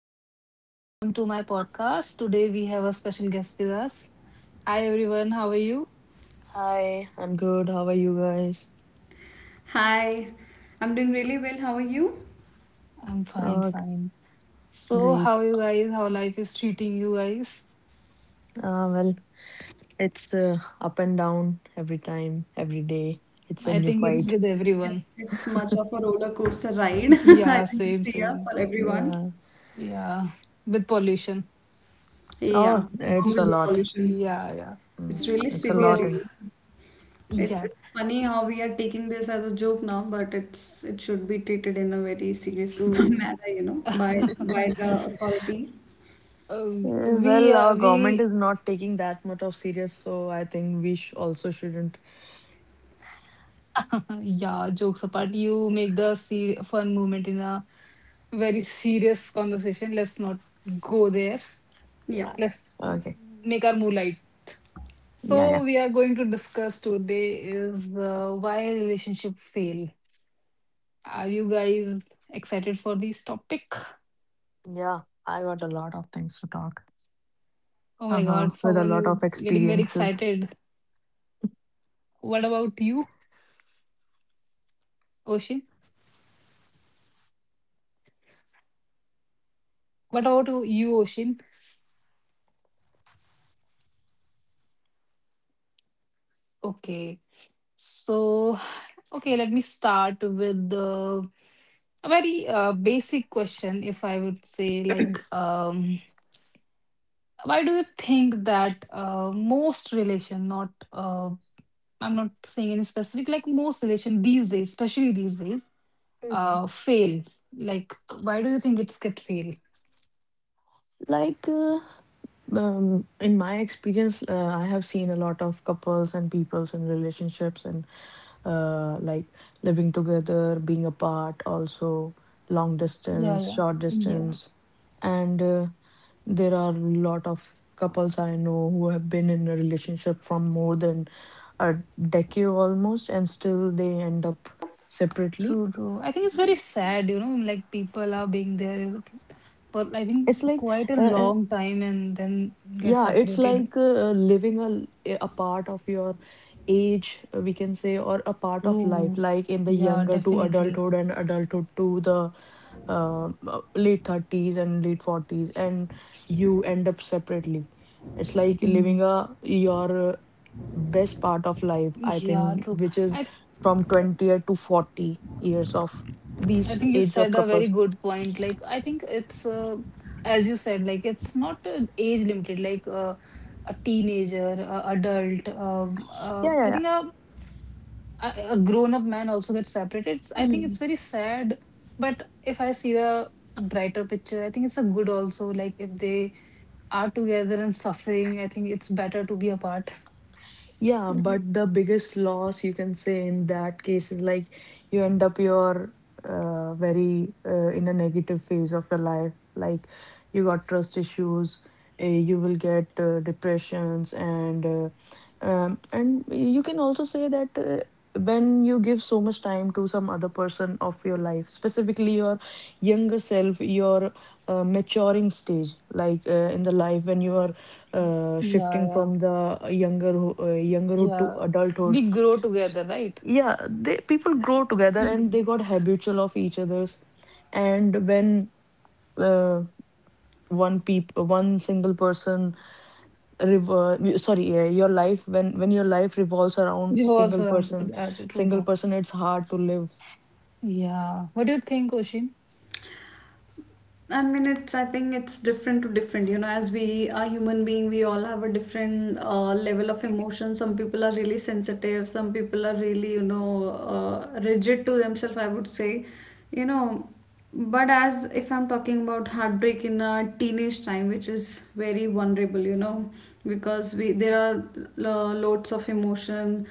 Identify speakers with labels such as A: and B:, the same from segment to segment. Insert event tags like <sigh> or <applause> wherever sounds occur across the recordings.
A: Hello, everyone. Welcome to my podcast. Today we have a special guest with us. Hi, everyone. How are you?
B: Hi, I'm good. How are you guys?
C: Hi, I'm doing really well. How are you?
A: I'm fine,
B: Uh, g-
A: fine. So, how
B: Great.
A: you guys? How life is treating you guys?
B: Uh, well, it's up and down every time, every day. It's a
A: I
B: new
A: think it's
B: fight.
A: with
C: It's
A: everyone.
C: it's much of a roller coaster ride, <laughs>
A: <laughs>
C: I
A: Yeah,
C: think this
A: same,
C: year
A: same.
C: for everyone.
B: Yeah.
A: Yeah, with pollution.
C: Yeah,
B: Oh,
C: along
B: it's
A: <laughs>
B: a
C: with the
B: lot.
C: pollution.
A: Yeah, yeah.
B: Mm,
C: It's really
B: it's a
C: severe,
B: lot.
A: So,
C: you
B: And
C: know. It's
A: yeah,
C: it's funny how we are taking this as a joke now, but it should be treated in a very serious <laughs>
A: true.
C: manner, you know, by the authorities.
B: our government
A: We
B: is not taking that much of serious, so I think we sh also shouldn't.
A: <laughs> Yeah, jokes apart, you make the se fun moment in a very serious conversation. Let's not go there.
B: Yeah.
C: Yep.
B: Yeah.
A: Let's
B: Okay.
A: make our mood light.
B: Yeah,
A: So
B: yeah.
A: we are going to discuss today is why relationship fail. Are you guys excited for this topic?
B: Yeah, I got a lot of things to talk.
A: Oh my
B: Uh-huh.
A: God,
B: With a
A: someone
B: lot of
A: is getting very
B: experiences.
A: excited. What about you, Oshin? What about you, Oshin? Okay. So Okay, let me start with the a very basic question, if I would say, like, why do you think that most relation, not I'm not saying any specific, like most relation these days, especially these days,
B: Mm.
A: fail? Like, why do you think it's get fail?
B: Like uh, in my experience, I have seen a lot of couples and peoples and relationships and like living together, being apart, also long
A: Yeah,
B: distance,
A: yeah,
B: short
A: yeah.
B: distance, and there are a lot of couples I know who have been in a relationship from more than a decade almost, and still they end up separately.
A: True, true. I think it's very sad, you know, like people are being there for I think
B: It's like
A: quite a
B: uh,
A: long time and then get
B: Yeah, it's
A: separated.
B: like a part of your age, we can say, or a part of life,
A: True.
B: like in the
A: Yeah,
B: younger to
A: definitely.
B: adulthood and adulthood to the late 30s and late 40s, and you end up separately. It's like living
A: Mm.
B: a your best part of life, I
A: Yeah,
B: think,
A: true.
B: which is
A: I
B: from 20 to 40 years of
A: I
B: these
A: think you
B: age of
A: said a very
B: couples.
A: good point. Like I think it's as you said, like it's not age limited. Like a teenager, a adult.
B: Yeah,
A: I
B: yeah,
A: think a a grown-up man also gets separated. I think it's very sad. But if I see the brighter picture, I think it's a good also. Like if they are together and suffering, I think it's better to be apart.
B: yeah, but the biggest loss you can say in that case is like you end up your very in a negative phase of your life. Like you got trust issues, you will get depressions, and you can also say that when you give so much time to some other person of your life, specifically your younger self, your maturing stage, like in the life when you are
A: Yeah,
B: shifting
A: yeah.
B: from the younger youngerhood to
A: Yeah,
B: adulthood.
A: we grow together, right?
B: Yeah, they people grow together and they got habitual of each other's, and when uh, one single person rev- y- sorry your life when your life revolves around
A: You
B: single
A: also around the place.
B: person,
A: Yeah, true,
B: single
A: true.
B: person it's hard to live.
A: Yeah. What do you think, Oshin?
C: I mean, it's. I think it's different to different. You know, as we are human being, we all have a different level of emotion. Some people are really sensitive. Some people are really, you know, rigid to themselves. I would say, you know, but as if I'm talking about heartbreak in a teenage time, which is very vulnerable, you know, because we there are loads of emotion,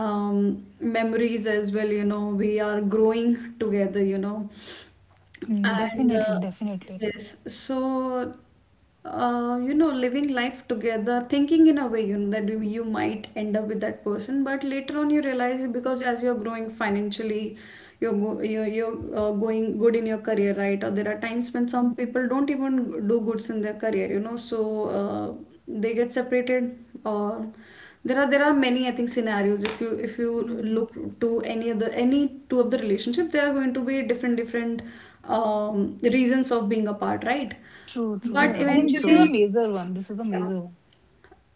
C: memories as well. You know, we are growing together. You know,
A: Mm,
C: and
A: definitely, definitely.
C: yes, so you know, living life together, thinking in a way, you know, that you might end up with that person, but later on you realize it because as you're growing financially, you're going good in your career, right? Or there are times when some
A: Mm,
C: people don't even do goods in their career, you know, so they get separated, or there are many, I think, scenarios. If you
A: mm.
C: look to any of the any two of the relationship, there are going to be different reasons of being apart, right?
A: True,
C: But
A: true.
C: mhm,
B: Yeah,
A: I think this is a
B: true.
C: eventually,
A: major one. This is the major one.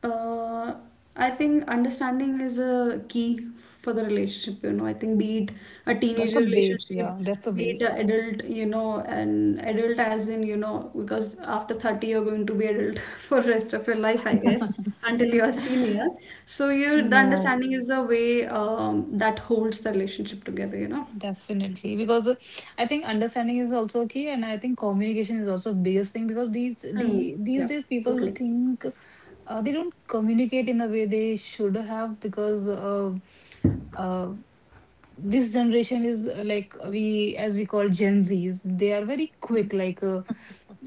C: uh, I think understanding is a key for the relationship, you know. I think be it a
A: That's a
C: teenager
A: base.
C: relationship,
A: Yeah, that's a
C: be it
A: base.
C: an adult, you know, an adult as in, you know, because after 30 you're going to be adult <laughs> for rest of your life, I guess,
A: <laughs>
C: until you're a senior. So you the
B: Yeah,
C: understanding is the way that holds the relationship together, you know.
A: Definitely, because I think understanding is also key, and I think communication is also biggest thing because these
C: Hmm.
A: the these
C: Yeah,
A: days people
C: totally.
A: think they don't communicate in the way they should have because uh, this generation is like we as we call Gen Zs. They are very quick, like uh,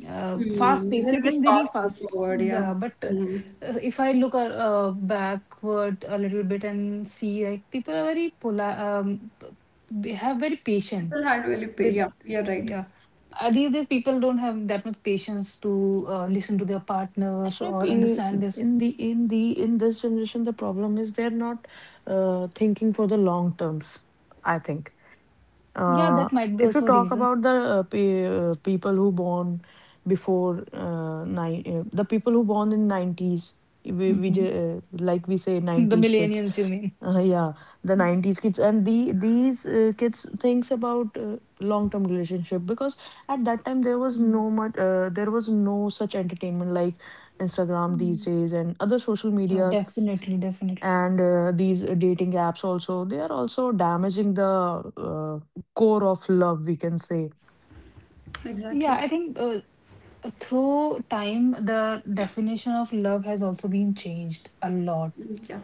A: uh, fast
C: Hmm. The
A: pace. I
C: thing is
A: think they need
C: fast and
A: fast.
C: forward, yeah.
A: Yeah, but
C: Hmm.
A: if I look backward a little bit and see, like people are very they have very patient
C: People had really,
A: with.
C: yeah, you're right.
A: Yeah. These days, people don't have that much patience to listen to their partners
B: actually
A: or
B: p-
A: understand their.
B: in the in this generation the problem is they're not thinking for the long terms, I think.
A: Yeah,
B: Uh,
A: that might be
B: if you
A: also a
B: talk
A: reason.
B: about the people who born before the people who born in 90s, we,
A: Mhm.
B: like we say
A: The
B: 90s kids.
A: millennials, you mean?
B: Yeah, the 90s kids and the these kids thinks about long-term relationship because at that time
A: Mm,
B: there was no such entertainment like Instagram these
A: mm.
B: days and other social
A: Yeah,
B: medias,
A: definitely, definitely.
B: and these dating apps also they are also damaging the uh, core of love we can say.
A: Yeah,
C: Exactly.
A: I think through time, the definition of love has also been changed
C: Yeah,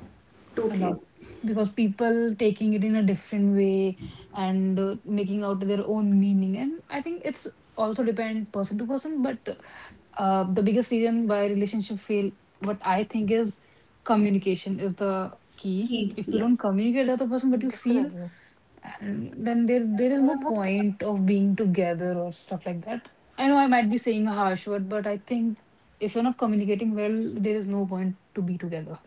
A: a
C: totally.
A: lot, because people taking it in a different way and making out their own meaning. And I think it's also depend person to person, but the biggest reason why relationship fail what I think is, communication is the key.
C: Key.
A: If you
C: Yeah.
A: don't communicate the other person but you feel,
B: Definitely.
A: and then there is no point of being together or stuff like that. I know I might be saying a harsh word, but I think if you're not communicating well, there is no point to be together.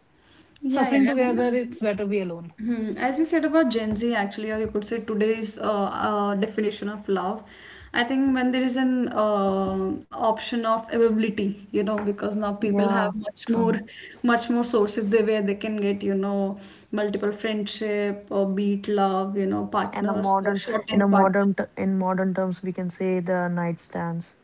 C: Yeah,
A: Suffering
C: yeah, and
A: together,
C: as,
A: it's better be alone.
C: hmm, as you said about Gen Z, actually, or you could say today's definition of love, I think when there is an option of availability, you know, because now people have
B: Yeah,
C: much more,
B: true.
C: much more sources they where they can get, you know, multiple friendship or beat love, you know,
B: And a
C: partners for
B: modern,
C: short time partners.
B: in modern terms we can say the nightstands.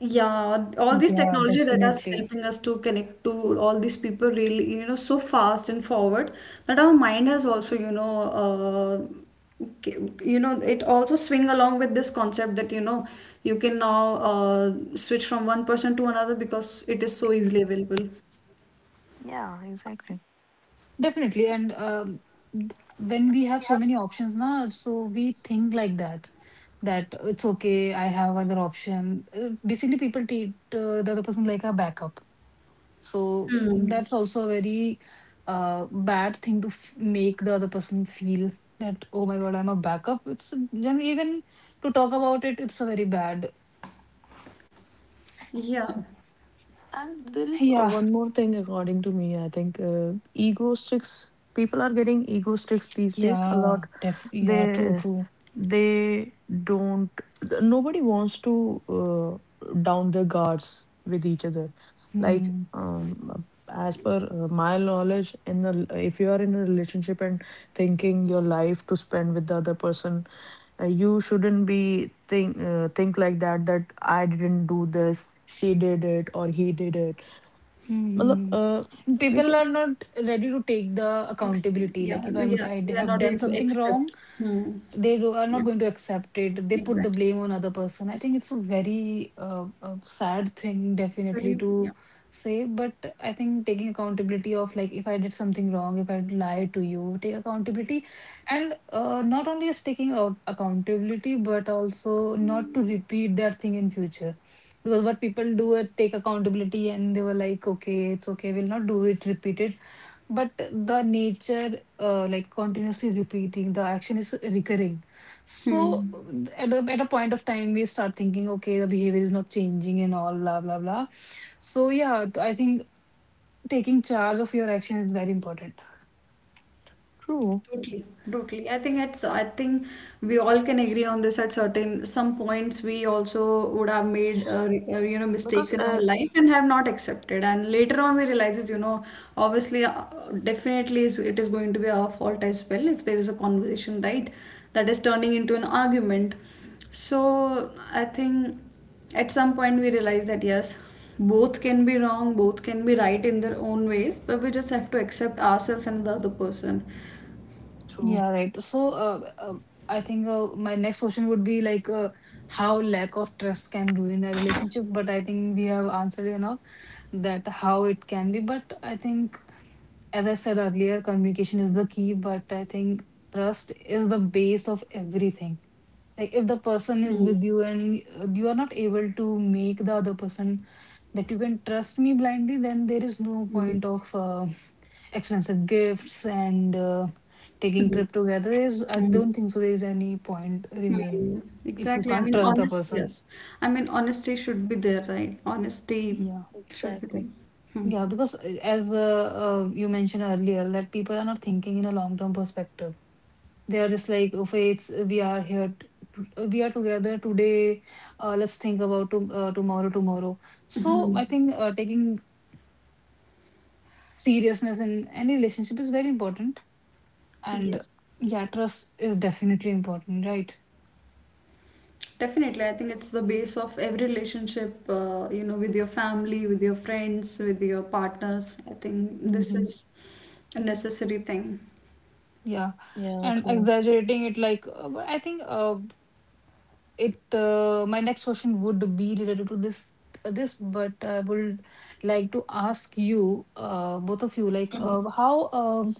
C: Yeah, all this
A: Yeah,
C: technology that is
A: definitely.
C: helping us to connect to all these people really, you know, so fast and forward that our mind has also, you know, you know, it also swing along with this concept that, you know, you can now switch from one person to another because it is so easily available.
B: Yeah, exactly.
A: Definitely. And th- when we have so many options now, so we think like that, that it's okay, I have other option. Basically, people treat the other person like a backup. So
C: Hmm.
A: that's also a very bad thing to f make the other person feel that, oh my God, I'm a backup. It's then even to talk about it, it's a very bad.
C: Yeah.
A: So,
B: And there is
A: yeah,
B: one more thing according to me, I think ego sticks, people are getting ego sticks these days a
A: yeah,
B: lot.
A: def yeah, true,
B: They
A: true.
B: they don't th- Nobody wants to down their guards with each other. like
A: Hmm.
B: um as per my knowledge, in a, if you are in a relationship and thinking your life to spend with the other person, you shouldn't be think like that, that I didn't do this, she did it or he did it. Matlab,
A: Hmm.
B: we
A: People
B: can.
A: are not ready to take the
C: Ex
A: accountability.
C: yeah.
A: Like if I'm
C: Yeah.
A: I
C: They are
A: have
C: not
A: done
C: ready to
A: something wrong,
C: accept. Hmm.
A: they are
C: Yeah.
A: not going to accept it. They put the
C: Exactly.
A: blame on other person. I think it's a very sad thing,
C: It's
A: definitely,
C: very, yeah.
A: to say, but I think taking accountability of, like, if I did something wrong, if I lied to you, take accountability. And not only is taking out accountability, but also not to repeat that thing in future, because what people do is take accountability, and they were like, okay, it's okay, we'll not do it, repeat it. But the nature, like, continuously repeating the action is recurring. So
C: Hmm.
A: at a point of time, we start thinking, okay, the behavior is not changing, and all blah blah blah. So yeah, I think taking charge of your action is very important.
B: True,
C: Totally, totally. I think it's, I think we all can agree on this at certain some points we also would have made you know,
B: because
C: mistakes in our life and have not accepted. And later on we realizes, you know, obviously definitely is it is going to be our fault as well if there is a conversation, right? That is turning into an argument. So I think at some point we realize that yes, both can be wrong, both can be right in their own ways, but we just have to accept ourselves and the other person.
B: true,
A: Yeah, right. So I think my next question would be like, how lack of trust can ruin a relationship. But I think we have answered enough that how it can be. But I think, as I said earlier, communication is the key, but I think trust is the base of everything. Like if the person is
C: Hmm.
A: with you and you are not able to make the other person that you can trust me blindly, then there is no
C: Hmm.
A: point of expensive gifts and taking
C: Hmm.
A: trip together. There's, I
C: Hmm.
A: don't think so. There is any point remain
C: Hmm.
A: if you
C: Exactly. I
A: can't
C: mean,
A: trust the
C: honest,
A: person.
C: yes. I mean, honesty should be there, right? Honesty
A: Yeah,
C: should be there.
B: exactly.
C: Hmm.
A: yeah. Because as you mentioned earlier, that people are not thinking in a long term perspective. They are just like, "Oh, Faith, we are here, we are together today. Let's think about to, tomorrow, tomorrow." So I
C: Mhm.
A: think taking seriousness in any relationship is very important, and
C: Yes,
A: yeah, trust is definitely important, right?
C: definitely. I think it's the base of every relationship, you know, with your family, with your friends, with your partners. I think this
A: Mm-hmm.
C: is a necessary thing.
A: Yeah.
B: Yeah,
A: And
B: true.
A: exaggerating it, like, but I think it my next question would be related to this, but I would like to ask you, both of you, like, how,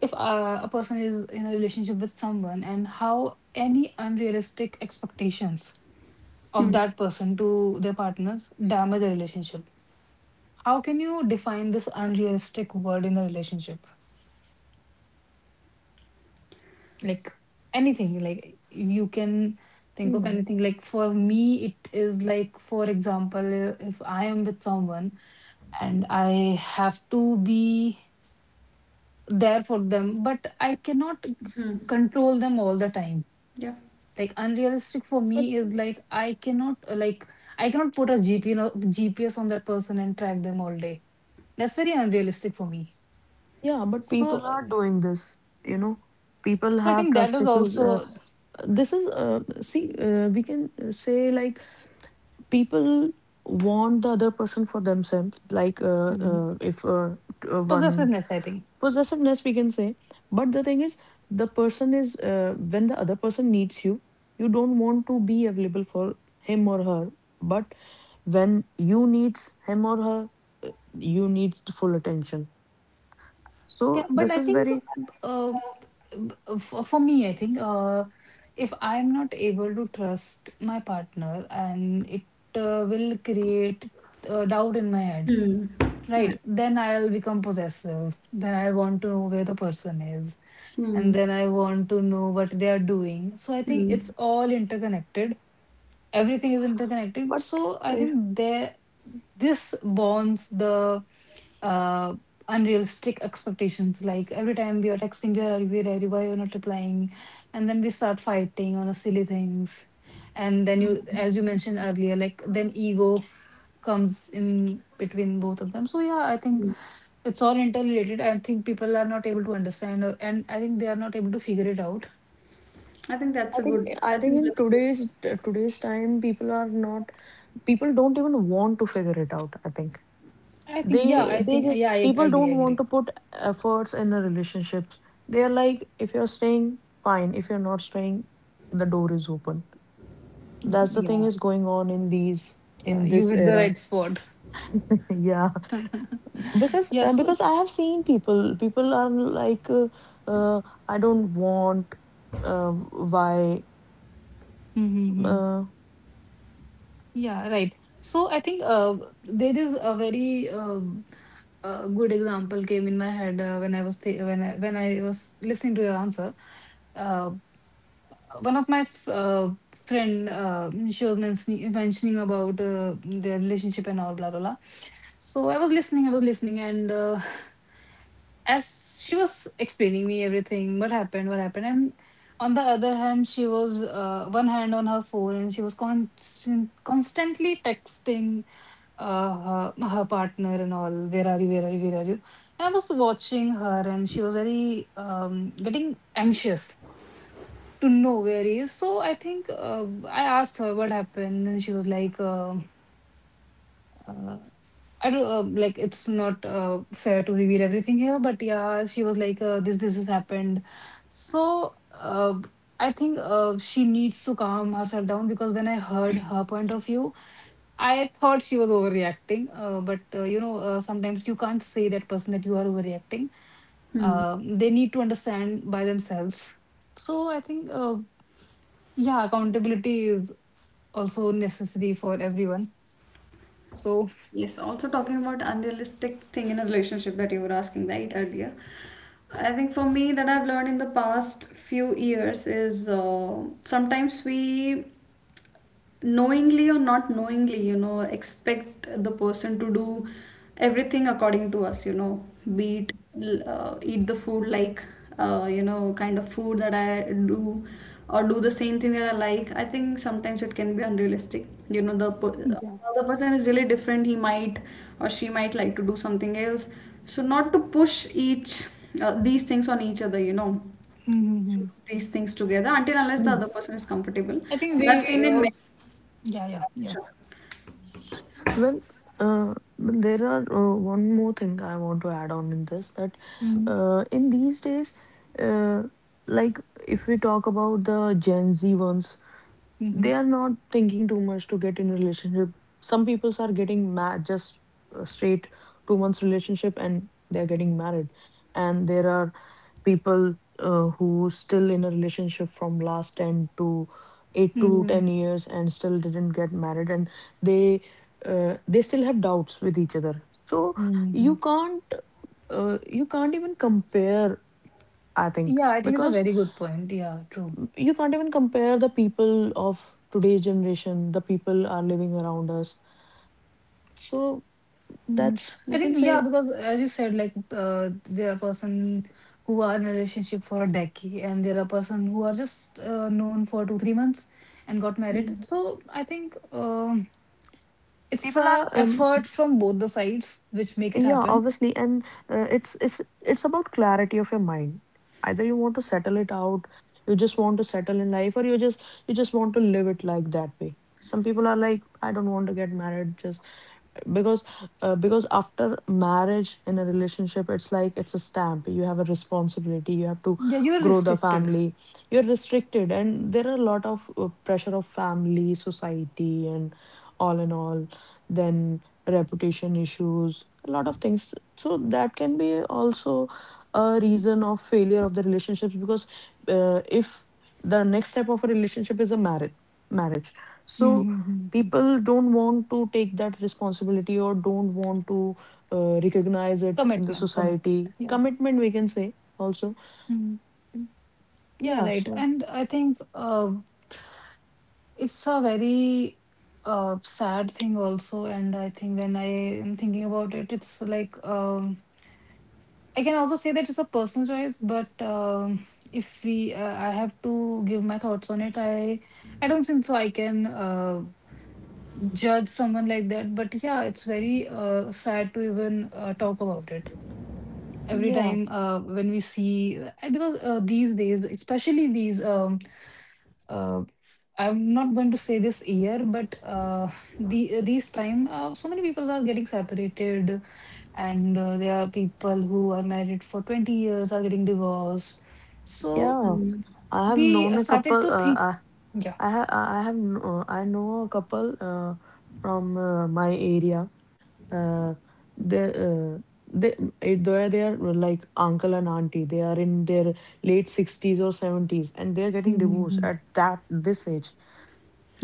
A: if a person is in a relationship with someone, and how any unrealistic expectations of that person to their partners damage a relationship. How can you define this unrealistic word in a relationship? Like, anything, like you can think of
B: Mm.
A: anything. Like, for me, it is like, for example, if I am with someone and I have to be there for them, but I cannot control them all the time.
C: Yeah.
A: Like, unrealistic for me is like, I cannot I cannot put a gp no- gps on that person and track them all day. That's very unrealistic for me.
B: Yeah, but
A: So
B: people are doing this, you know. People
A: I
B: have
A: think that
B: trust
A: is
B: issues.
A: also,
B: This is, see, we can say like people want the other person for themselves. Like
A: mhm,
B: if one,
A: possessiveness, I think.
B: possessiveness, we can say. But the thing is, the person is, when the other person needs you, you don't want to be available for him or her. But when you needs him or her, uh, you need full attention.
A: Yeah,
B: So
A: but
B: this
A: I
B: is
A: think
B: very.
A: uh, for me, I think if I'm not able to trust my partner, and it will create doubt in my head,
C: Hmm. Hmm.
A: right? Then I'll become possessive. Then I want to know where the person is. And
C: Hmm.
A: then I want to know what they are doing. So I think it's
C: Hmm.
A: all interconnected. Everything is interconnected.
B: But
A: So I think
B: eh,
A: there, this bonds the uh, unrealistic expectations. Like every time we are texting, where are you, where are you, why you're not replying? And then we start fighting on a silly things. And then you, as you mentioned earlier, like, then ego comes in between both of them. So yeah, I think it's all interrelated. I think people are not able to understand and I think they are not able to figure it out.
C: I think that's
B: I
C: a
B: think,
C: good,
B: I
C: I
B: think
C: think
B: in
C: that's a
B: today's, today's time, people are not, people don't even want to figure it out. I think
A: i think yeah i
B: they
A: think
B: just,
A: yeah i, I
B: people
A: agree I
B: don't want
A: agree
B: to put efforts in the relationships. They are like, if you're staying, fine. If you're not staying, the door is open. That's the thing
A: Yeah.
B: is going on in these,
A: Yeah,
B: in
A: you
B: this
A: hit the
B: era.
A: right spot.
B: <laughs> Yeah,
A: <laughs> Yes.
B: because I have seen people, people are like, uh, I don't want. Uh, why?
A: Mm-hmm.
B: uh,
A: Yeah, right. So I think there is a good example came in my head when I was th- when I was listening to your answer. Uh, one of my friend, she was mentioning about their relationship and all blah blah blah. So I was listening, and, as she was explaining me everything, what happened, what happened, and on the other hand she was, one hand on her phone, and she was constantly texting her partner and all, where are you, where are you, where are you. And I was watching her, and she was very, getting anxious to know where he is. So I think I asked her what happened, and she was like, uh, I don't like, it's not fair to reveal everything here, but yeah, she was like, this has happened. So I think she needs to calm herself down, because when I heard her point of view, I thought she was overreacting. But sometimes you can't say that person that you are overreacting.
C: good.
A: They need to understand by themselves. So I think, yeah, accountability is also necessary for everyone. So
C: Yes, also talking about unrealistic thing in a relationship that you were asking right earlier. I think for me that I've learned in the past few years is sometimes we knowingly or not knowingly, you know, expect the person to do everything according to us, you know, be it eat the food, like you know, kind of food that I do or do the same thing that I like. I think sometimes it can be unrealistic, you know. The
A: yeah.
C: other person is really different. He might or she might like to do something else, so not to push each these things on each other, you know, to do
A: <laughs>
C: these things together until unless the other person is comfortable.
A: I think
C: But I've seen in many.
A: yeah, yeah, yeah.
C: Sure.
B: Well, uh, well, there are one more thing I want to add on in this, that
A: Mm-hmm,
B: in these days, uh, like if we talk about the Gen Z ones,
A: mm-hmm,
B: they are not thinking too much to get in relationship. Some peoples are getting mad just a straight 2 months relationship and they're getting married, and there are people who still in a relationship from last 10 to 8 to 10
A: mm-hmm.
B: years and still didn't get married, and they they still have doubts with each other. So
A: Mm-hmm.
B: you can't you can't even compare, I think,
A: Yeah, I think it's a
B: because
A: very good point. Yeah, true.
B: you can't even compare the people of today's generation, the people are living around us. So
A: hmm
B: that's
A: I
B: we
A: think,
B: can
A: yeah,
B: say.
A: because as you said, there are person who are in a relationship for a decade, and there are person who are just known for two, 3 months and got married. So I think it's
B: People are
A: a effort from both the sides which make it
B: yeah,
A: happen.
B: obviously, and it's it's about clarity of your mind. Either you want to settle it out, you just want to settle in life, or you just, you just want to live it like that way. Some people are like, I don't want to get married, just because because after marriage in a relationship, it's like it's a stamp, you have a responsibility, you have to
A: Yeah, you're
B: grow the
A: restricted.
B: family, you're restricted, and there are a lot of pressure of family, society, and all in all, then reputation issues, a lot of things. So that can be also a reason of failure of the relationships, because if the next step of a relationship is a marriage, marriage. So
A: Mm-hmm, mm-hmm.
B: people don't want to take that responsibility or don't want to recognize it in the
A: Commitment, commitment.
B: society,
A: Yeah.
B: commitment we can say also.
A: Mm-hmm. Yeah,
B: Yeah,
A: right.
B: so
A: And I think it's a very sad thing also. And I think when I am thinking about it, it's like I can also say that it's a personal choice. But if we, I have to give my thoughts on it. I don't think so. I can judge someone like that. But yeah, it's very sad to even talk about it. Every
B: yeah,
A: time when we see, because these days, especially these uh, I'm not going to say this year, but these time so many people are getting separated, and there are people who are married for 20 years are getting divorced. So
B: yeah, I have
A: we
B: known a
A: started
B: couple,
A: to think, yeah.
B: I ha- I have kn- I know a couple from my area. Uh, they uh, they They are, they are like uncle and auntie, they are in their late 60s or 70s and they are getting divorced
A: Mm-hmm.
B: at that, this age.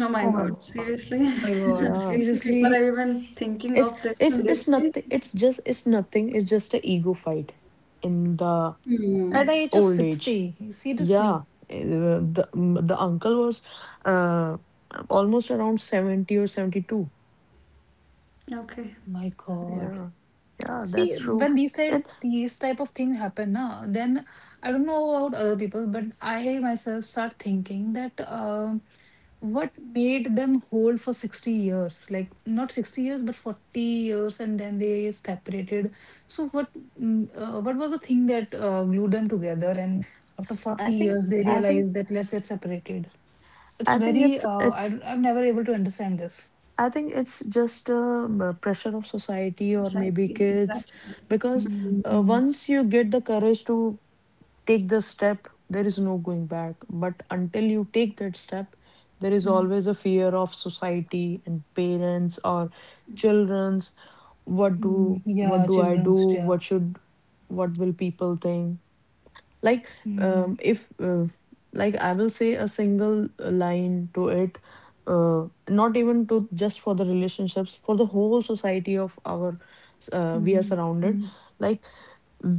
C: Oh my
A: Oh my
C: God,
A: God.
C: seriously?
A: Oh my
C: <laughs>
A: God.
B: Yeah.
C: Seriously, people
A: Seriously,
C: are even thinking
B: It's,
C: of this in
B: it's
C: this
B: it's
C: age?
B: nothing. It's just, it's nothing. It's just a ego fight in the
C: Hmm.
A: at the age of
B: old age.
A: 60,
B: Yeah,
A: seriously.
B: the uncle was uh almost around 70 or 72.
C: Okay.
A: My God.
B: Yeah. Yeah, that's
A: See,
B: true.
A: when these type
B: It
A: these type of thing happen, na, then I don't know about other people, but I myself start thinking that um, what made them hold for 60 years? Like not 60 years, but 40 years, and then they separated. So what what was the thing that glued them together? And after
B: I
A: 40
B: think,
A: years, they realized that let's get separated. It's
B: I think
A: very
B: it's
A: I'm never able to understand this.
B: I think it's just pressure of society or maybe
C: Society,
B: kids,
C: exactly.
B: because
A: Mm, mm,
B: once you get the courage to take the step, there is no going back. But until you take that step, there is
A: mm,
B: always a fear of society and parents or children's.
A: mm. Yeah,
B: What do I do?
A: children's, yeah.
B: What should, what will people think? Like
A: Mm-hmm.
B: if like I will say a single line to it. Not even to just for the relationships, for the whole society of our we are
A: Mm,
B: surrounded.
A: mm,
B: Like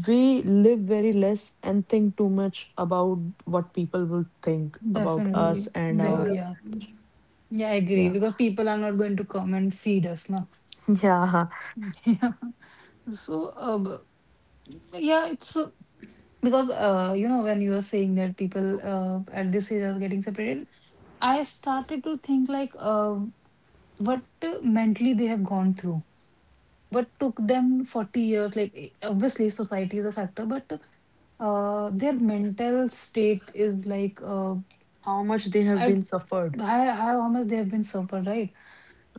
B: we live very less and think too much about what people will think about
C: Hmm.
B: us
A: Definitely.
B: and
C: Very
B: our.
A: Yeah,
C: well
A: yeah.
C: said.
A: Yeah, I agree
B: Yeah.
A: because people are not going to come and feed us now.
B: <laughs> Yeah,
A: <laughs> Yeah. So, uh, it's because you know when you were saying that people at this age are getting separated, I started to think like what mentally they have gone through. What took them 40 years, like obviously society is a factor, but their mental state is like
B: how much they have
A: I
B: been suffered.
A: how much they have been suffered, right?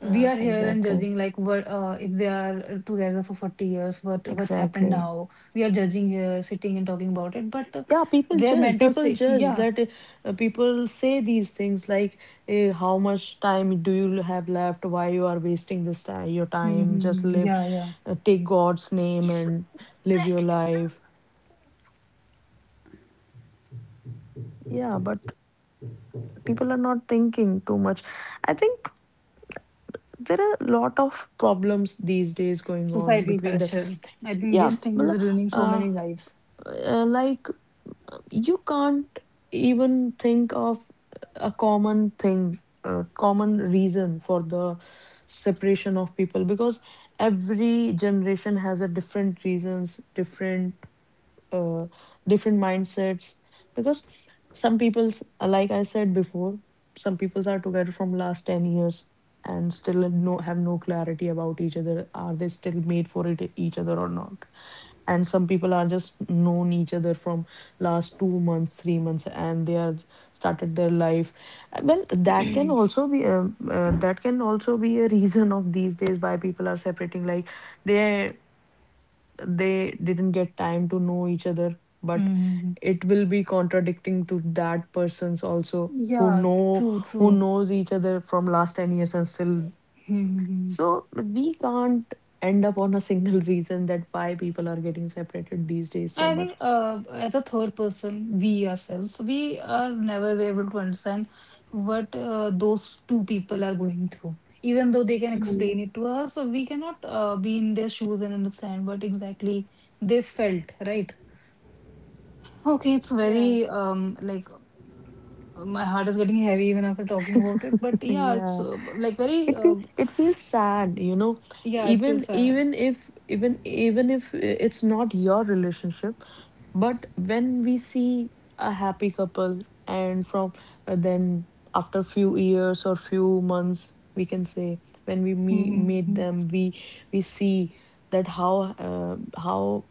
A: We
B: Yeah,
A: are here and
B: exactly,
A: judging like what if they are together for 40 years, what's happened
B: exactly.
A: now? We are judging here, sitting and talking about it, but
B: Yeah, people
A: their
B: judge,
A: mental
B: people
A: state,
B: judge
A: yeah,
B: that people say these things like how much time do you have left, why you are wasting this time, your time, just
A: mm-hmm.
B: live,
A: Yeah, yeah.
B: take God's name and live your life. Yeah, but people are not thinking too much, I think. There are a lot of problems these days going on
A: Societal
B: between the,
A: pressure. I think
B: yeah,
A: this thing
B: well,
A: is ruining so
B: uh,
A: many lives.
B: like you can't even think of a common thing, a common reason for the separation of people, because every generation has a different reasons, different uh, different mindsets, because some people, like I said before, some people are together from last 10 years and still no, have no clarity about each other, are they still made for it, each other or not, and some people are just known each other from last 2 months, 3 months and they are started their life. Well, that can
A: <clears throat>
B: also be that can also be a reason of these days why people are separating, like they they didn't get time to know each other, but
A: hmm
B: it will be contradicting to that persons also who
A: Yeah,
B: know,
A: true,
B: who
A: true.
B: knows each other from last 10 years and still.
A: hmm
B: So we can't end up on a single <laughs> reason that why people are getting separated these days so
A: I
B: much.
A: think as a third person, we ourselves, we are never able to understand what those two people are going through. Even though they can explain
C: Hmm.
A: it to us, so we cannot be in their shoes and understand what exactly they felt, right? Okay, it's
B: Yeah.
A: very like my heart is getting heavy even after talking about it. But yeah, it's
B: Yeah,
A: like very
B: it feel, it feels sad.
A: yeah, it feels sad.
B: Even even if I- It's not your relationship, but when we see a happy couple and from then after few years or few months we can say, when we meet,
A: Mm-hmm.
B: meet them, we see that how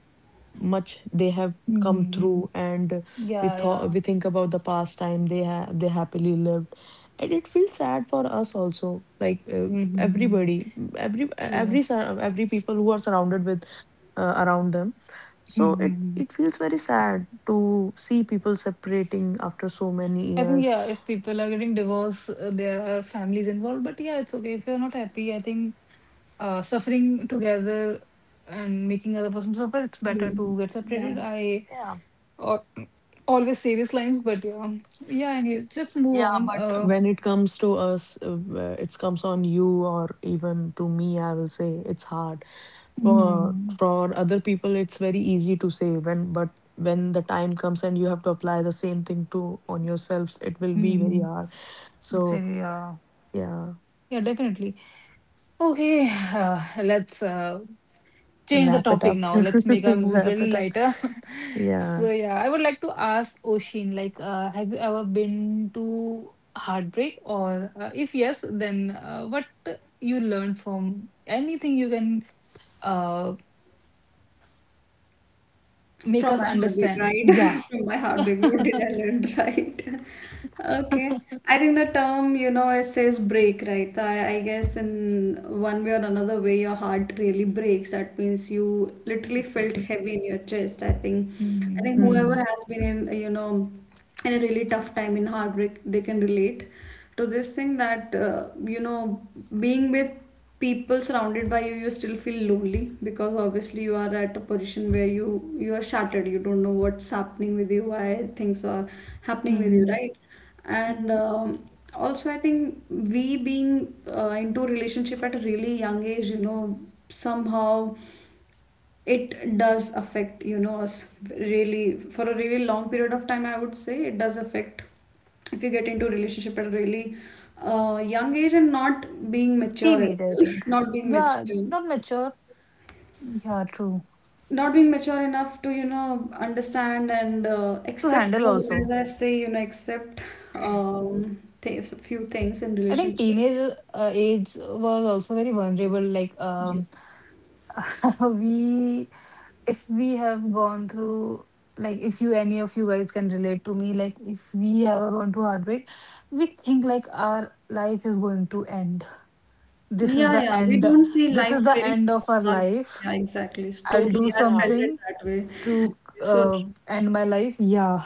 B: much they have come
A: Mm-hmm. Mm-hmm.
B: through, and
A: Yeah, yeah.
B: we think about the past time they they happily lived, and it feels sad for us also, like
A: Mm-hmm. Mm-hmm.
B: everybody,
A: True.
B: every people who are surrounded with around them. So it
A: Mm-hmm.
B: it feels very sad to see people separating after so many
A: I think,
B: years.
A: yeah, if people are getting divorced, there are families involved. But yeah, it's okay. If you're not happy, I think suffering together and making other person suffer, it's better
C: Hmm.
A: to get
C: Yeah.
A: separated. I
B: Yeah.
A: uh, always say these lines, but yeah. Yeah, anyways, let's move
B: Yeah,
A: on.
B: but when it comes to us, it comes on you or even to me, I will say it's hard. for
A: Mm,
B: for other people, it's very easy to say when, but when the time comes and you have to apply the same thing to on yourselves, it will be very
A: mm,
B: hard.
A: so,
B: So
A: yeah.
B: yeah.
A: Yeah, definitely. Okay, <sighs> let's change the
B: Wrap it
A: topic
B: up. <laughs>
A: now. Let's make our mood
B: Wrap
A: little
B: it up.
A: lighter. <laughs>
B: Yeah.
A: So yeah, I would like to ask Oshin, like, have you ever been to heartbreak, or if yes, then what you learned from anything you can uh make
C: From
A: us
C: my heartbreak,
A: understand?
C: right?
A: Yeah.
C: <laughs> From my heartbreak,
A: <laughs>
C: what did I learn, <laughs> right? Okay. I think the term, you know, it says break, right? So I guess in one way or another way, your heart really breaks. That means you literally felt
B: <laughs>
C: heavy in your chest. I
A: Mhm,
C: think
A: mhm,
C: whoever
B: Hmm.
C: has been in, you know, in a really tough time in heartbreak, they can relate to this thing that, you know, being with people surrounded by you, you still feel lonely because obviously you are at a position where you are shattered. You don't know what's happening with you, why things are happening with you,
A: mhm,
C: right?
A: mhm.
C: And also I think we being into relationship at a really young age, you know, somehow it does affect, you know, us really for a really long period of time. I would say it does affect if you get into a relationship at a really young age and not being mature as
A: Teenage, I
C: well,
A: think.
C: <laughs> not being
A: Yeah,
C: mature,
A: not mature. Yeah, true.
C: not being mature enough to, you know, understand and
A: To
C: accept,
A: handle
C: as
A: also.
C: I say, you know, accept a few things in
A: I think
C: relationship.
A: teenage age was also very vulnerable.
C: Yes.
A: <laughs> We, if we have gone through, like if you any of you guys can relate to me, like if we have gone through heartbreak, we think like our life is going to end. This is
C: Yeah,
A: the
C: yeah. We
A: end.
C: don't see
A: This
C: life
A: is the
C: very
A: end of our
C: far.
A: life.
C: Yeah, exactly.
A: I'll do
C: Totally. I
B: Yeah.
C: felt it
A: something
C: that way.
A: to
C: So
A: uh,
C: true.
A: end my life. Yeah.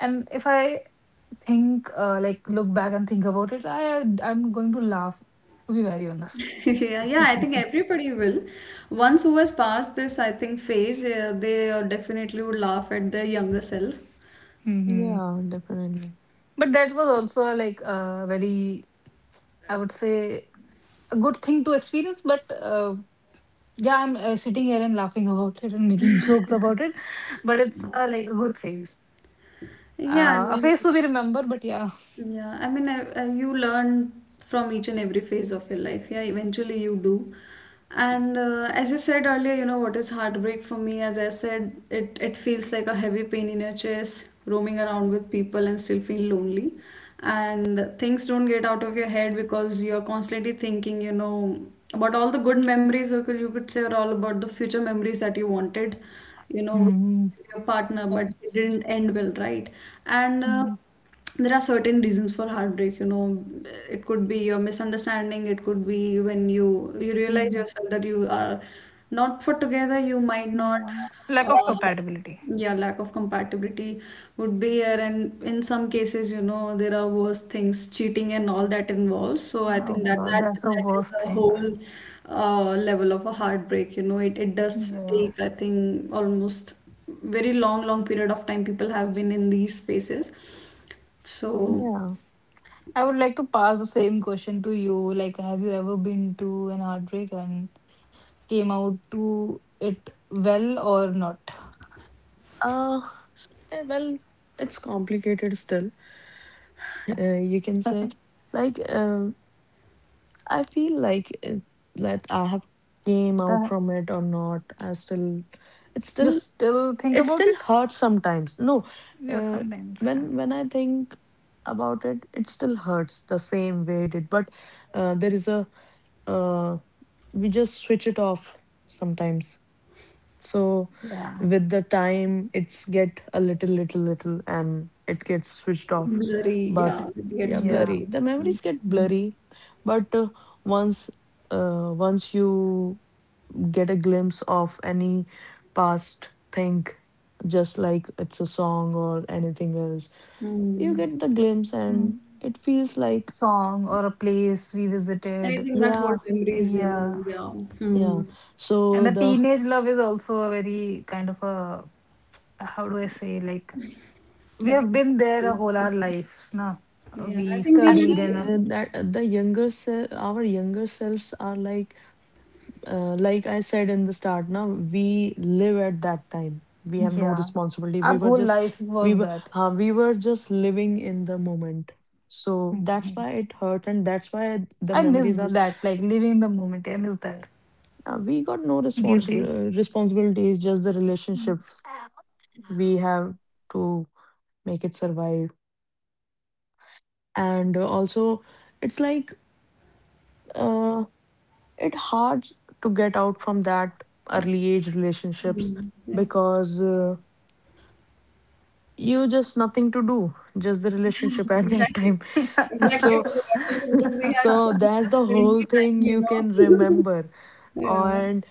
A: And if I think like look back and think about it, I'm going to laugh, to be very honest.
C: <laughs> Yeah, yeah, I
B: <laughs>
C: think everybody will. Once who has passed this, I think, phase, they definitely would laugh at their younger self.
A: hmm
B: Yeah, definitely.
A: but that was
B: It's,
A: also like a very, I would say, a good thing to experience. But yeah, I'm sitting here and laughing about it and making jokes about it, but it's like a good phase,
C: Yeah, I
A: a
C: mean.
A: phase to be remembered. But yeah.
C: Yeah, I mean, you learn from each and every phase of your life. Yeah, eventually you do. And as you said earlier, you know what is heartbreak for me? As I said, it feels like a heavy pain in your chest, roaming around with people and still feel lonely. And things don't get out of your head because you're constantly thinking, you know, about all the good memories, or you could say, or all about the future memories that you wanted, you know,
A: hmm
C: your partner, but
A: yeah.
C: it didn't end well, right? And
A: Mhm.
C: there are certain reasons for heartbreak, you know. It could be your misunderstanding, it could be when you realize
A: Mhm.
C: yourself that you are not for together, you might not
A: Yeah. Lack of
C: uh,
A: compatibility.
C: yeah, lack of compatibility would be here, and in some cases, you know, there are worse things, cheating and all that involves. So I
A: Oh
C: think
A: my
C: that
A: God,
C: that
A: that's the
C: that is
A: worst
C: a
A: thing.
C: whole level of a heartbreak. You know, it does
A: Yeah.
C: take, I think, almost very long period of time people have been in these spaces, so
B: yeah.
A: Mhm. I would like to pass the same question to you. Like, have you ever been to an heartbreak and came out to it well or not? <laughs>
B: uh well, it's complicated still. <laughs> You can say, like, I feel like, that I have came out
A: That
B: from it or not. I still, it
A: you
B: still,
A: still think
B: it
A: about
B: still
A: it?
B: hurts sometimes. No,
A: Yeah,
B: uh,
A: sometimes. Yeah.
B: when I think about it, it still hurts the same way it did. But there is a, uh, we just switch it off sometimes. So
A: Yeah.
B: with the time, it's get a little, little, little, and it gets switched off.
C: blurry, yeah,
B: But
C: it
B: yeah,
C: gets
A: Yeah.
B: blurry.
C: blurry.
B: The
C: Mm.
B: memories get
C: Mm.
B: blurry, but once, once you get a glimpse of any past thing, just like it's a song or anything else, you
C: Mm.
B: get the glimpse,
A: Mm.
B: and it feels like
A: Song or a place we
C: And I
A: visited.
C: think that whole
B: yeah,
C: memory is, you
A: Yeah.
C: know, yeah. Hmm.
B: yeah.
A: And
B: So
A: the
B: the
A: teenage love is also a very kind of a, how do I say, like, we
C: I think
A: have
C: it's
A: been there a
C: crazy.
A: whole our lives, na?
C: Yeah, I
A: We
C: think we had
A: studied
B: Actually,
A: and, uh,
C: a
B: that the our younger selves are like, like I said in the start, now we live at that time. We have no
A: yeah,
B: responsibility. We
A: our
B: were
A: whole
B: just,
A: life
B: we
A: was
B: were
A: that.
B: we were just living in the moment. So that's why
A: <laughs>
B: it hurt, and that's why the
A: I miss
B: memories are.
A: that, like living in the moment. I miss that
B: We got no
A: these
B: responsible
A: days.
B: responsibilities. Just the relationship
A: <laughs>
B: we have to make it survive, and also it's like, uh, it hard to get out from that early age relationships
C: mm. Yeah.
B: because. You just nothing to do, just the relationship
C: <laughs>
B: at that
C: Exactly,
B: time. <laughs>
C: exactly. I
B: So
C: was about to say, because we had so
B: so
C: much
B: that's the
C: of
B: whole
C: quality
B: thing
C: time, you
B: you can
C: know.
B: remember.
C: <laughs> Yeah.
B: and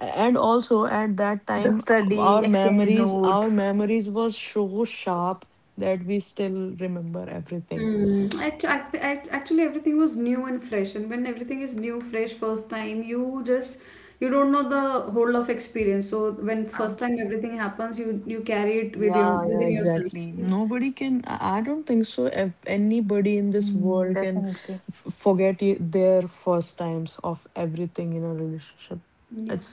B: and also at that
A: The
B: time,
A: study, exchange
B: our
A: notes.
B: memories were so sharp that we still remember everything.
C: Hmm. Actually, everything was new and fresh, and when everything is new, fresh, first time, you just you don't know the whole of experience. So when
B: Uh,
C: first time everything happens, you carry it with your
B: yeah, yeah,
C: within yourself,
B: exactly.
C: right?
B: Nobody can, I don't think so if anybody in this
A: Mm,
B: world can
A: definitely.
B: forget their first times of everything in a relationship.
C: Yeah,
B: It's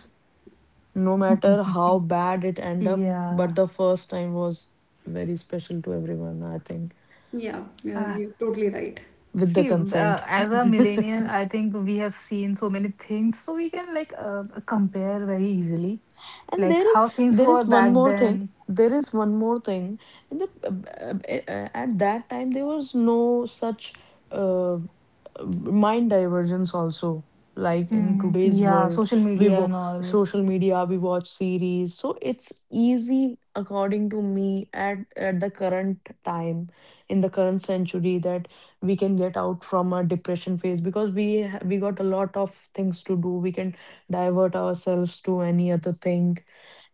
B: no matter how bad it
A: <laughs>
B: end up, but
A: Yeah.
B: the first time was very special to everyone, I think.
C: yeah,
A: Ah,
C: you're totally right.
B: With the
A: see,
B: consent.
A: as a millennial,
B: <laughs>
A: I think we have seen so many things, so we can like compare very easily,
B: And
A: like
B: there is,
A: how things
B: there
A: were
B: is one
A: back
B: more thing.
A: then.
B: There is one more thing. In the, uh, at that time, there was no such uh, uh, mind divergence also. Like in
A: Mm,
B: today's
A: yeah,
B: world,
A: social
B: we
A: media and
B: watch
A: all.
B: social media, we watch series, so it's easy, according to me, at the current time, in the current century, that we can get out from a depression phase because we we got a lot of things to do. We can divert ourselves to any other thing,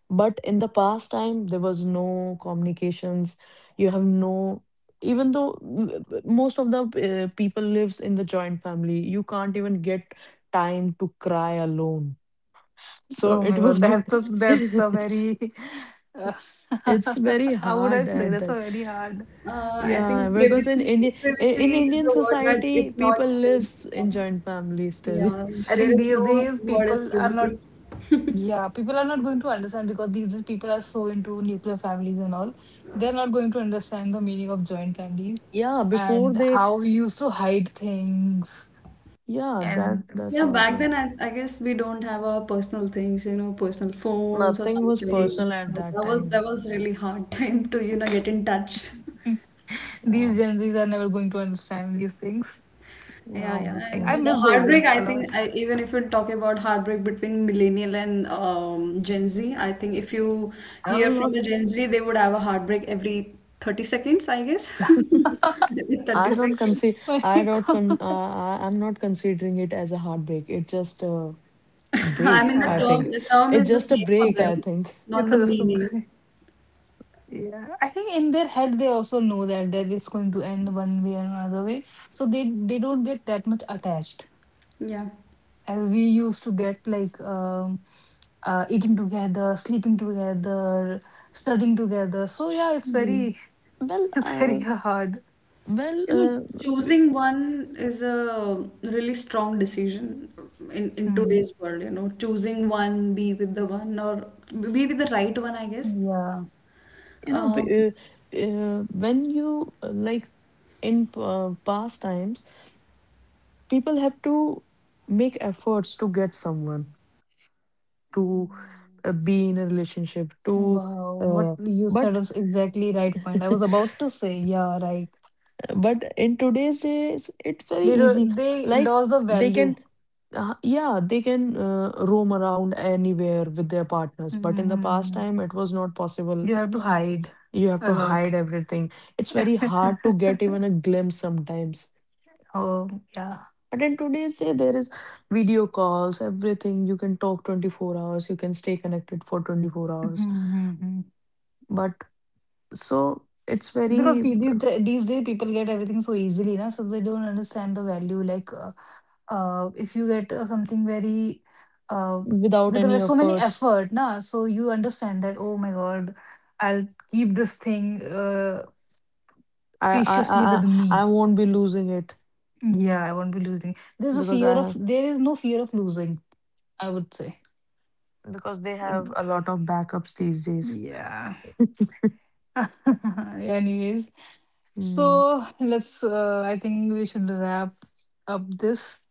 B: but in the past time, there was no communications. You have no, even though most of the people lives in the joint family, you can't even get time to cry alone. So
A: Oh my
B: it was,
A: God, that's the
B: <laughs>
A: that's the very <laughs> uh,
B: it's very
A: <laughs> how would I
B: hard
A: say?
B: at
A: That's a
B: that.
A: very hard.
C: I
B: Yeah,
C: think
B: because in India, in
C: privacy is
B: Indian
C: a word that
B: society,
C: is
B: people
C: not.
B: lives in joint family still.
C: Yeah,
A: I
C: there
A: think
C: is
A: these
C: no
A: days
C: word as
A: people are not,
C: privacy. <laughs>
A: yeah, people are not going to understand because these days people are so into nuclear families and all. They're not going to understand the meaning of joint families
B: Yeah, before
A: and
B: they,
A: how we used to hide things.
B: yeah, that
A: And
B: that's
C: Yeah, back
B: also
C: then I guess we don't have our personal things, you know, personal phones or
B: nothing was
C: something.
B: personal at
C: So
B: that
C: that was
B: time.
C: that was really hard <laughs> time to, you know, get in touch. <laughs>
B: Yeah,
A: these Gen Zs are never going to understand these things.
B: yeah,
C: Yeah, yeah.
A: Like
B: obviously.
A: I
C: And the
A: miss those
C: heartbreak,
A: days
C: I
A: a lot.
C: think,
A: <laughs>
C: I, even if you talk about heartbreak between millennial and Gen Z, I think if you hear
B: I'm
C: from a
B: not.
C: Gen Z, they would have a heartbreak every 30 seconds, I guess. <laughs> Every 30
B: I don't
C: seconds.
B: consider. I
A: Like
B: don't. I'm not considering it as a heartbreak. It's just a
A: <laughs>
C: <laughs> I
B: break.
C: mean,
B: I
A: yeah,
B: think
C: the term
B: it's
C: is the
B: just a
C: same for
B: break.
C: them,
B: I think.
A: it's
C: not
A: a
C: the
A: just. A
C: meaning.
A: <laughs> yeah, I think in their head they also know that it's going to end one way or another way, so they don't get that much attached
C: Yeah.
A: as we used to get like eating together, sleeping together, studying together. So yeah, it's very
B: Well,
A: <laughs> it's very
B: uh,
A: hard.
B: well,
C: You know,
B: w-
C: choosing one is a really strong decision in
A: Mm,
C: today's world. You know, choosing one, be with the one, or be with the right one, I guess.
A: yeah.
B: you know,
C: Um,
B: when you, like, in past times, people have to make efforts to get someone to
A: Mm.
B: be in a relationship to.
A: Wow, what
B: Uh,
A: you said
B: but
A: is exactly right point. I was about to say, yeah, right.
B: <laughs> but in today's days, it's very
A: They do,
B: easy.
A: they
B: Like
A: lost the
B: they
A: value.
B: can, yeah, they can roam around anywhere with their partners, but in the past
A: hmm
B: time, it was not possible.
A: You have to hide
B: You have
A: a
B: to
A: lot.
B: hide everything. It's very hard to get
A: <laughs>
B: even a glimpse sometimes.
A: Oh, yeah.
B: But in today's day, there is video calls, everything. You can talk 24 hours, you can stay connected for 24 hours.
A: Mm-hmm.
B: But so it's
A: Because
B: very,
A: these days people get everything so easily, na? So they don't understand the value. Like, if you get something very, uh,
B: without
A: with a-
B: any
A: so many
B: efforts.
A: effort, na? So you understand that. Oh my God, I'll keep this thing
B: I I I
A: preciously with
B: I I
A: me.
B: won't be losing it
A: Yeah, I won't be losing.
B: because I have,
A: There is no fear of losing. I would say.
B: because they have
A: Mm,
B: a lot of backups these days.
A: yeah. <laughs> Anyways,
B: Hmm.
A: so let's, I think we should wrap up this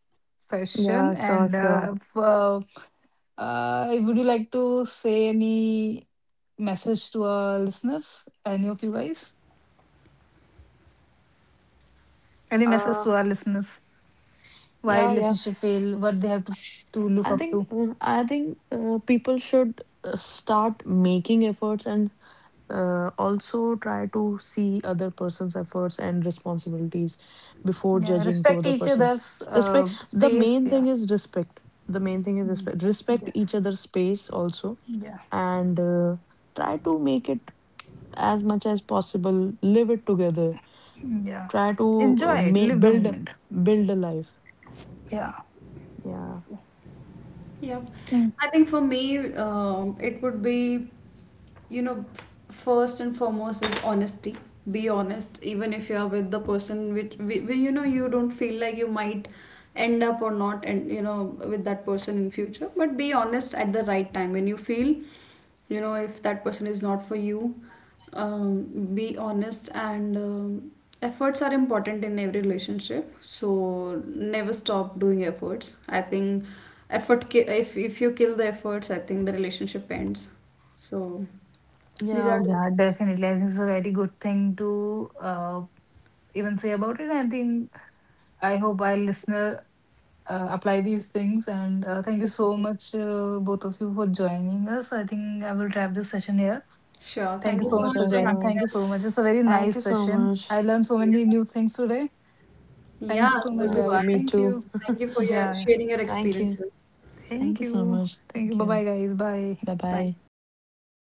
B: Yeah,
A: session.
B: sure,
A: And
B: sure.
A: would you like to say any message to our listeners? Any of you guys? Any message
B: Uh,
A: to our listeners? Why
B: yeah, yeah.
A: relationship fail? What they have to look up to?
B: I think people should start making efforts, and also try to see other person's efforts and responsibilities before
A: Yeah,
B: judging to
A: respect
B: other
A: each
B: person.
A: other's
B: Respect. The
A: space.
B: main thing
A: Yeah.
B: is respect. The main thing is
A: Mm.
B: respect. Respect each
A: Yes.
B: other's space also,
A: Yeah.
B: and try to make it as much as possible. Live it together.
A: Yeah.
B: Try to
A: Enjoy it. Live the
B: build,
A: moment.
B: build a life.
A: Yeah.
B: Yeah.
C: Yeah,
A: Thank,
C: I think for me, it would be, you know, first and foremost is honesty. Be honest, even if you are with the person which, you know, you don't feel like you might end up or not, and you know, with that person in future. But be honest at the right time when you feel, you know, if that person is not for you. Um, be honest, and efforts are important in every relationship, so never stop doing efforts. I think if you kill the efforts, I think the relationship ends, so these are
B: Yeah.
C: two
A: yeah, definitely. I think it's a very good thing to even say about it. I think I hope our listener apply these things. And thank you so
B: <laughs>
A: much, both of you, for joining us. I think I will wrap this session here.
C: things. Sure,
A: Thank
C: thank
A: you
C: you
A: so
B: Yeah,
C: so
A: much
C: much
A: for
B: sure,
C: for having
A: joining.
B: sure.
A: Thank you
C: us.
A: so much. It's a very
B: Thank
A: nice
B: you so
A: session.
B: much.
A: I learned so many new things today.
C: Yeah,
A: Thank you so
C: so
A: much,
C: do
B: Yeah,
C: I.
A: guys.
B: me
A: Thank
C: Thank you,
B: too.
A: you.
C: thank you for your
A: Yeah. Yeah.
C: sharing your
B: <laughs> Thank you.
C: experiences.
B: Thank
A: Thank
B: you so
A: you.
B: much.
A: Thank you.
B: Thank
A: Bye
B: you.
A: bye, guys. Bye.
B: Bye
C: Bye.
B: bye.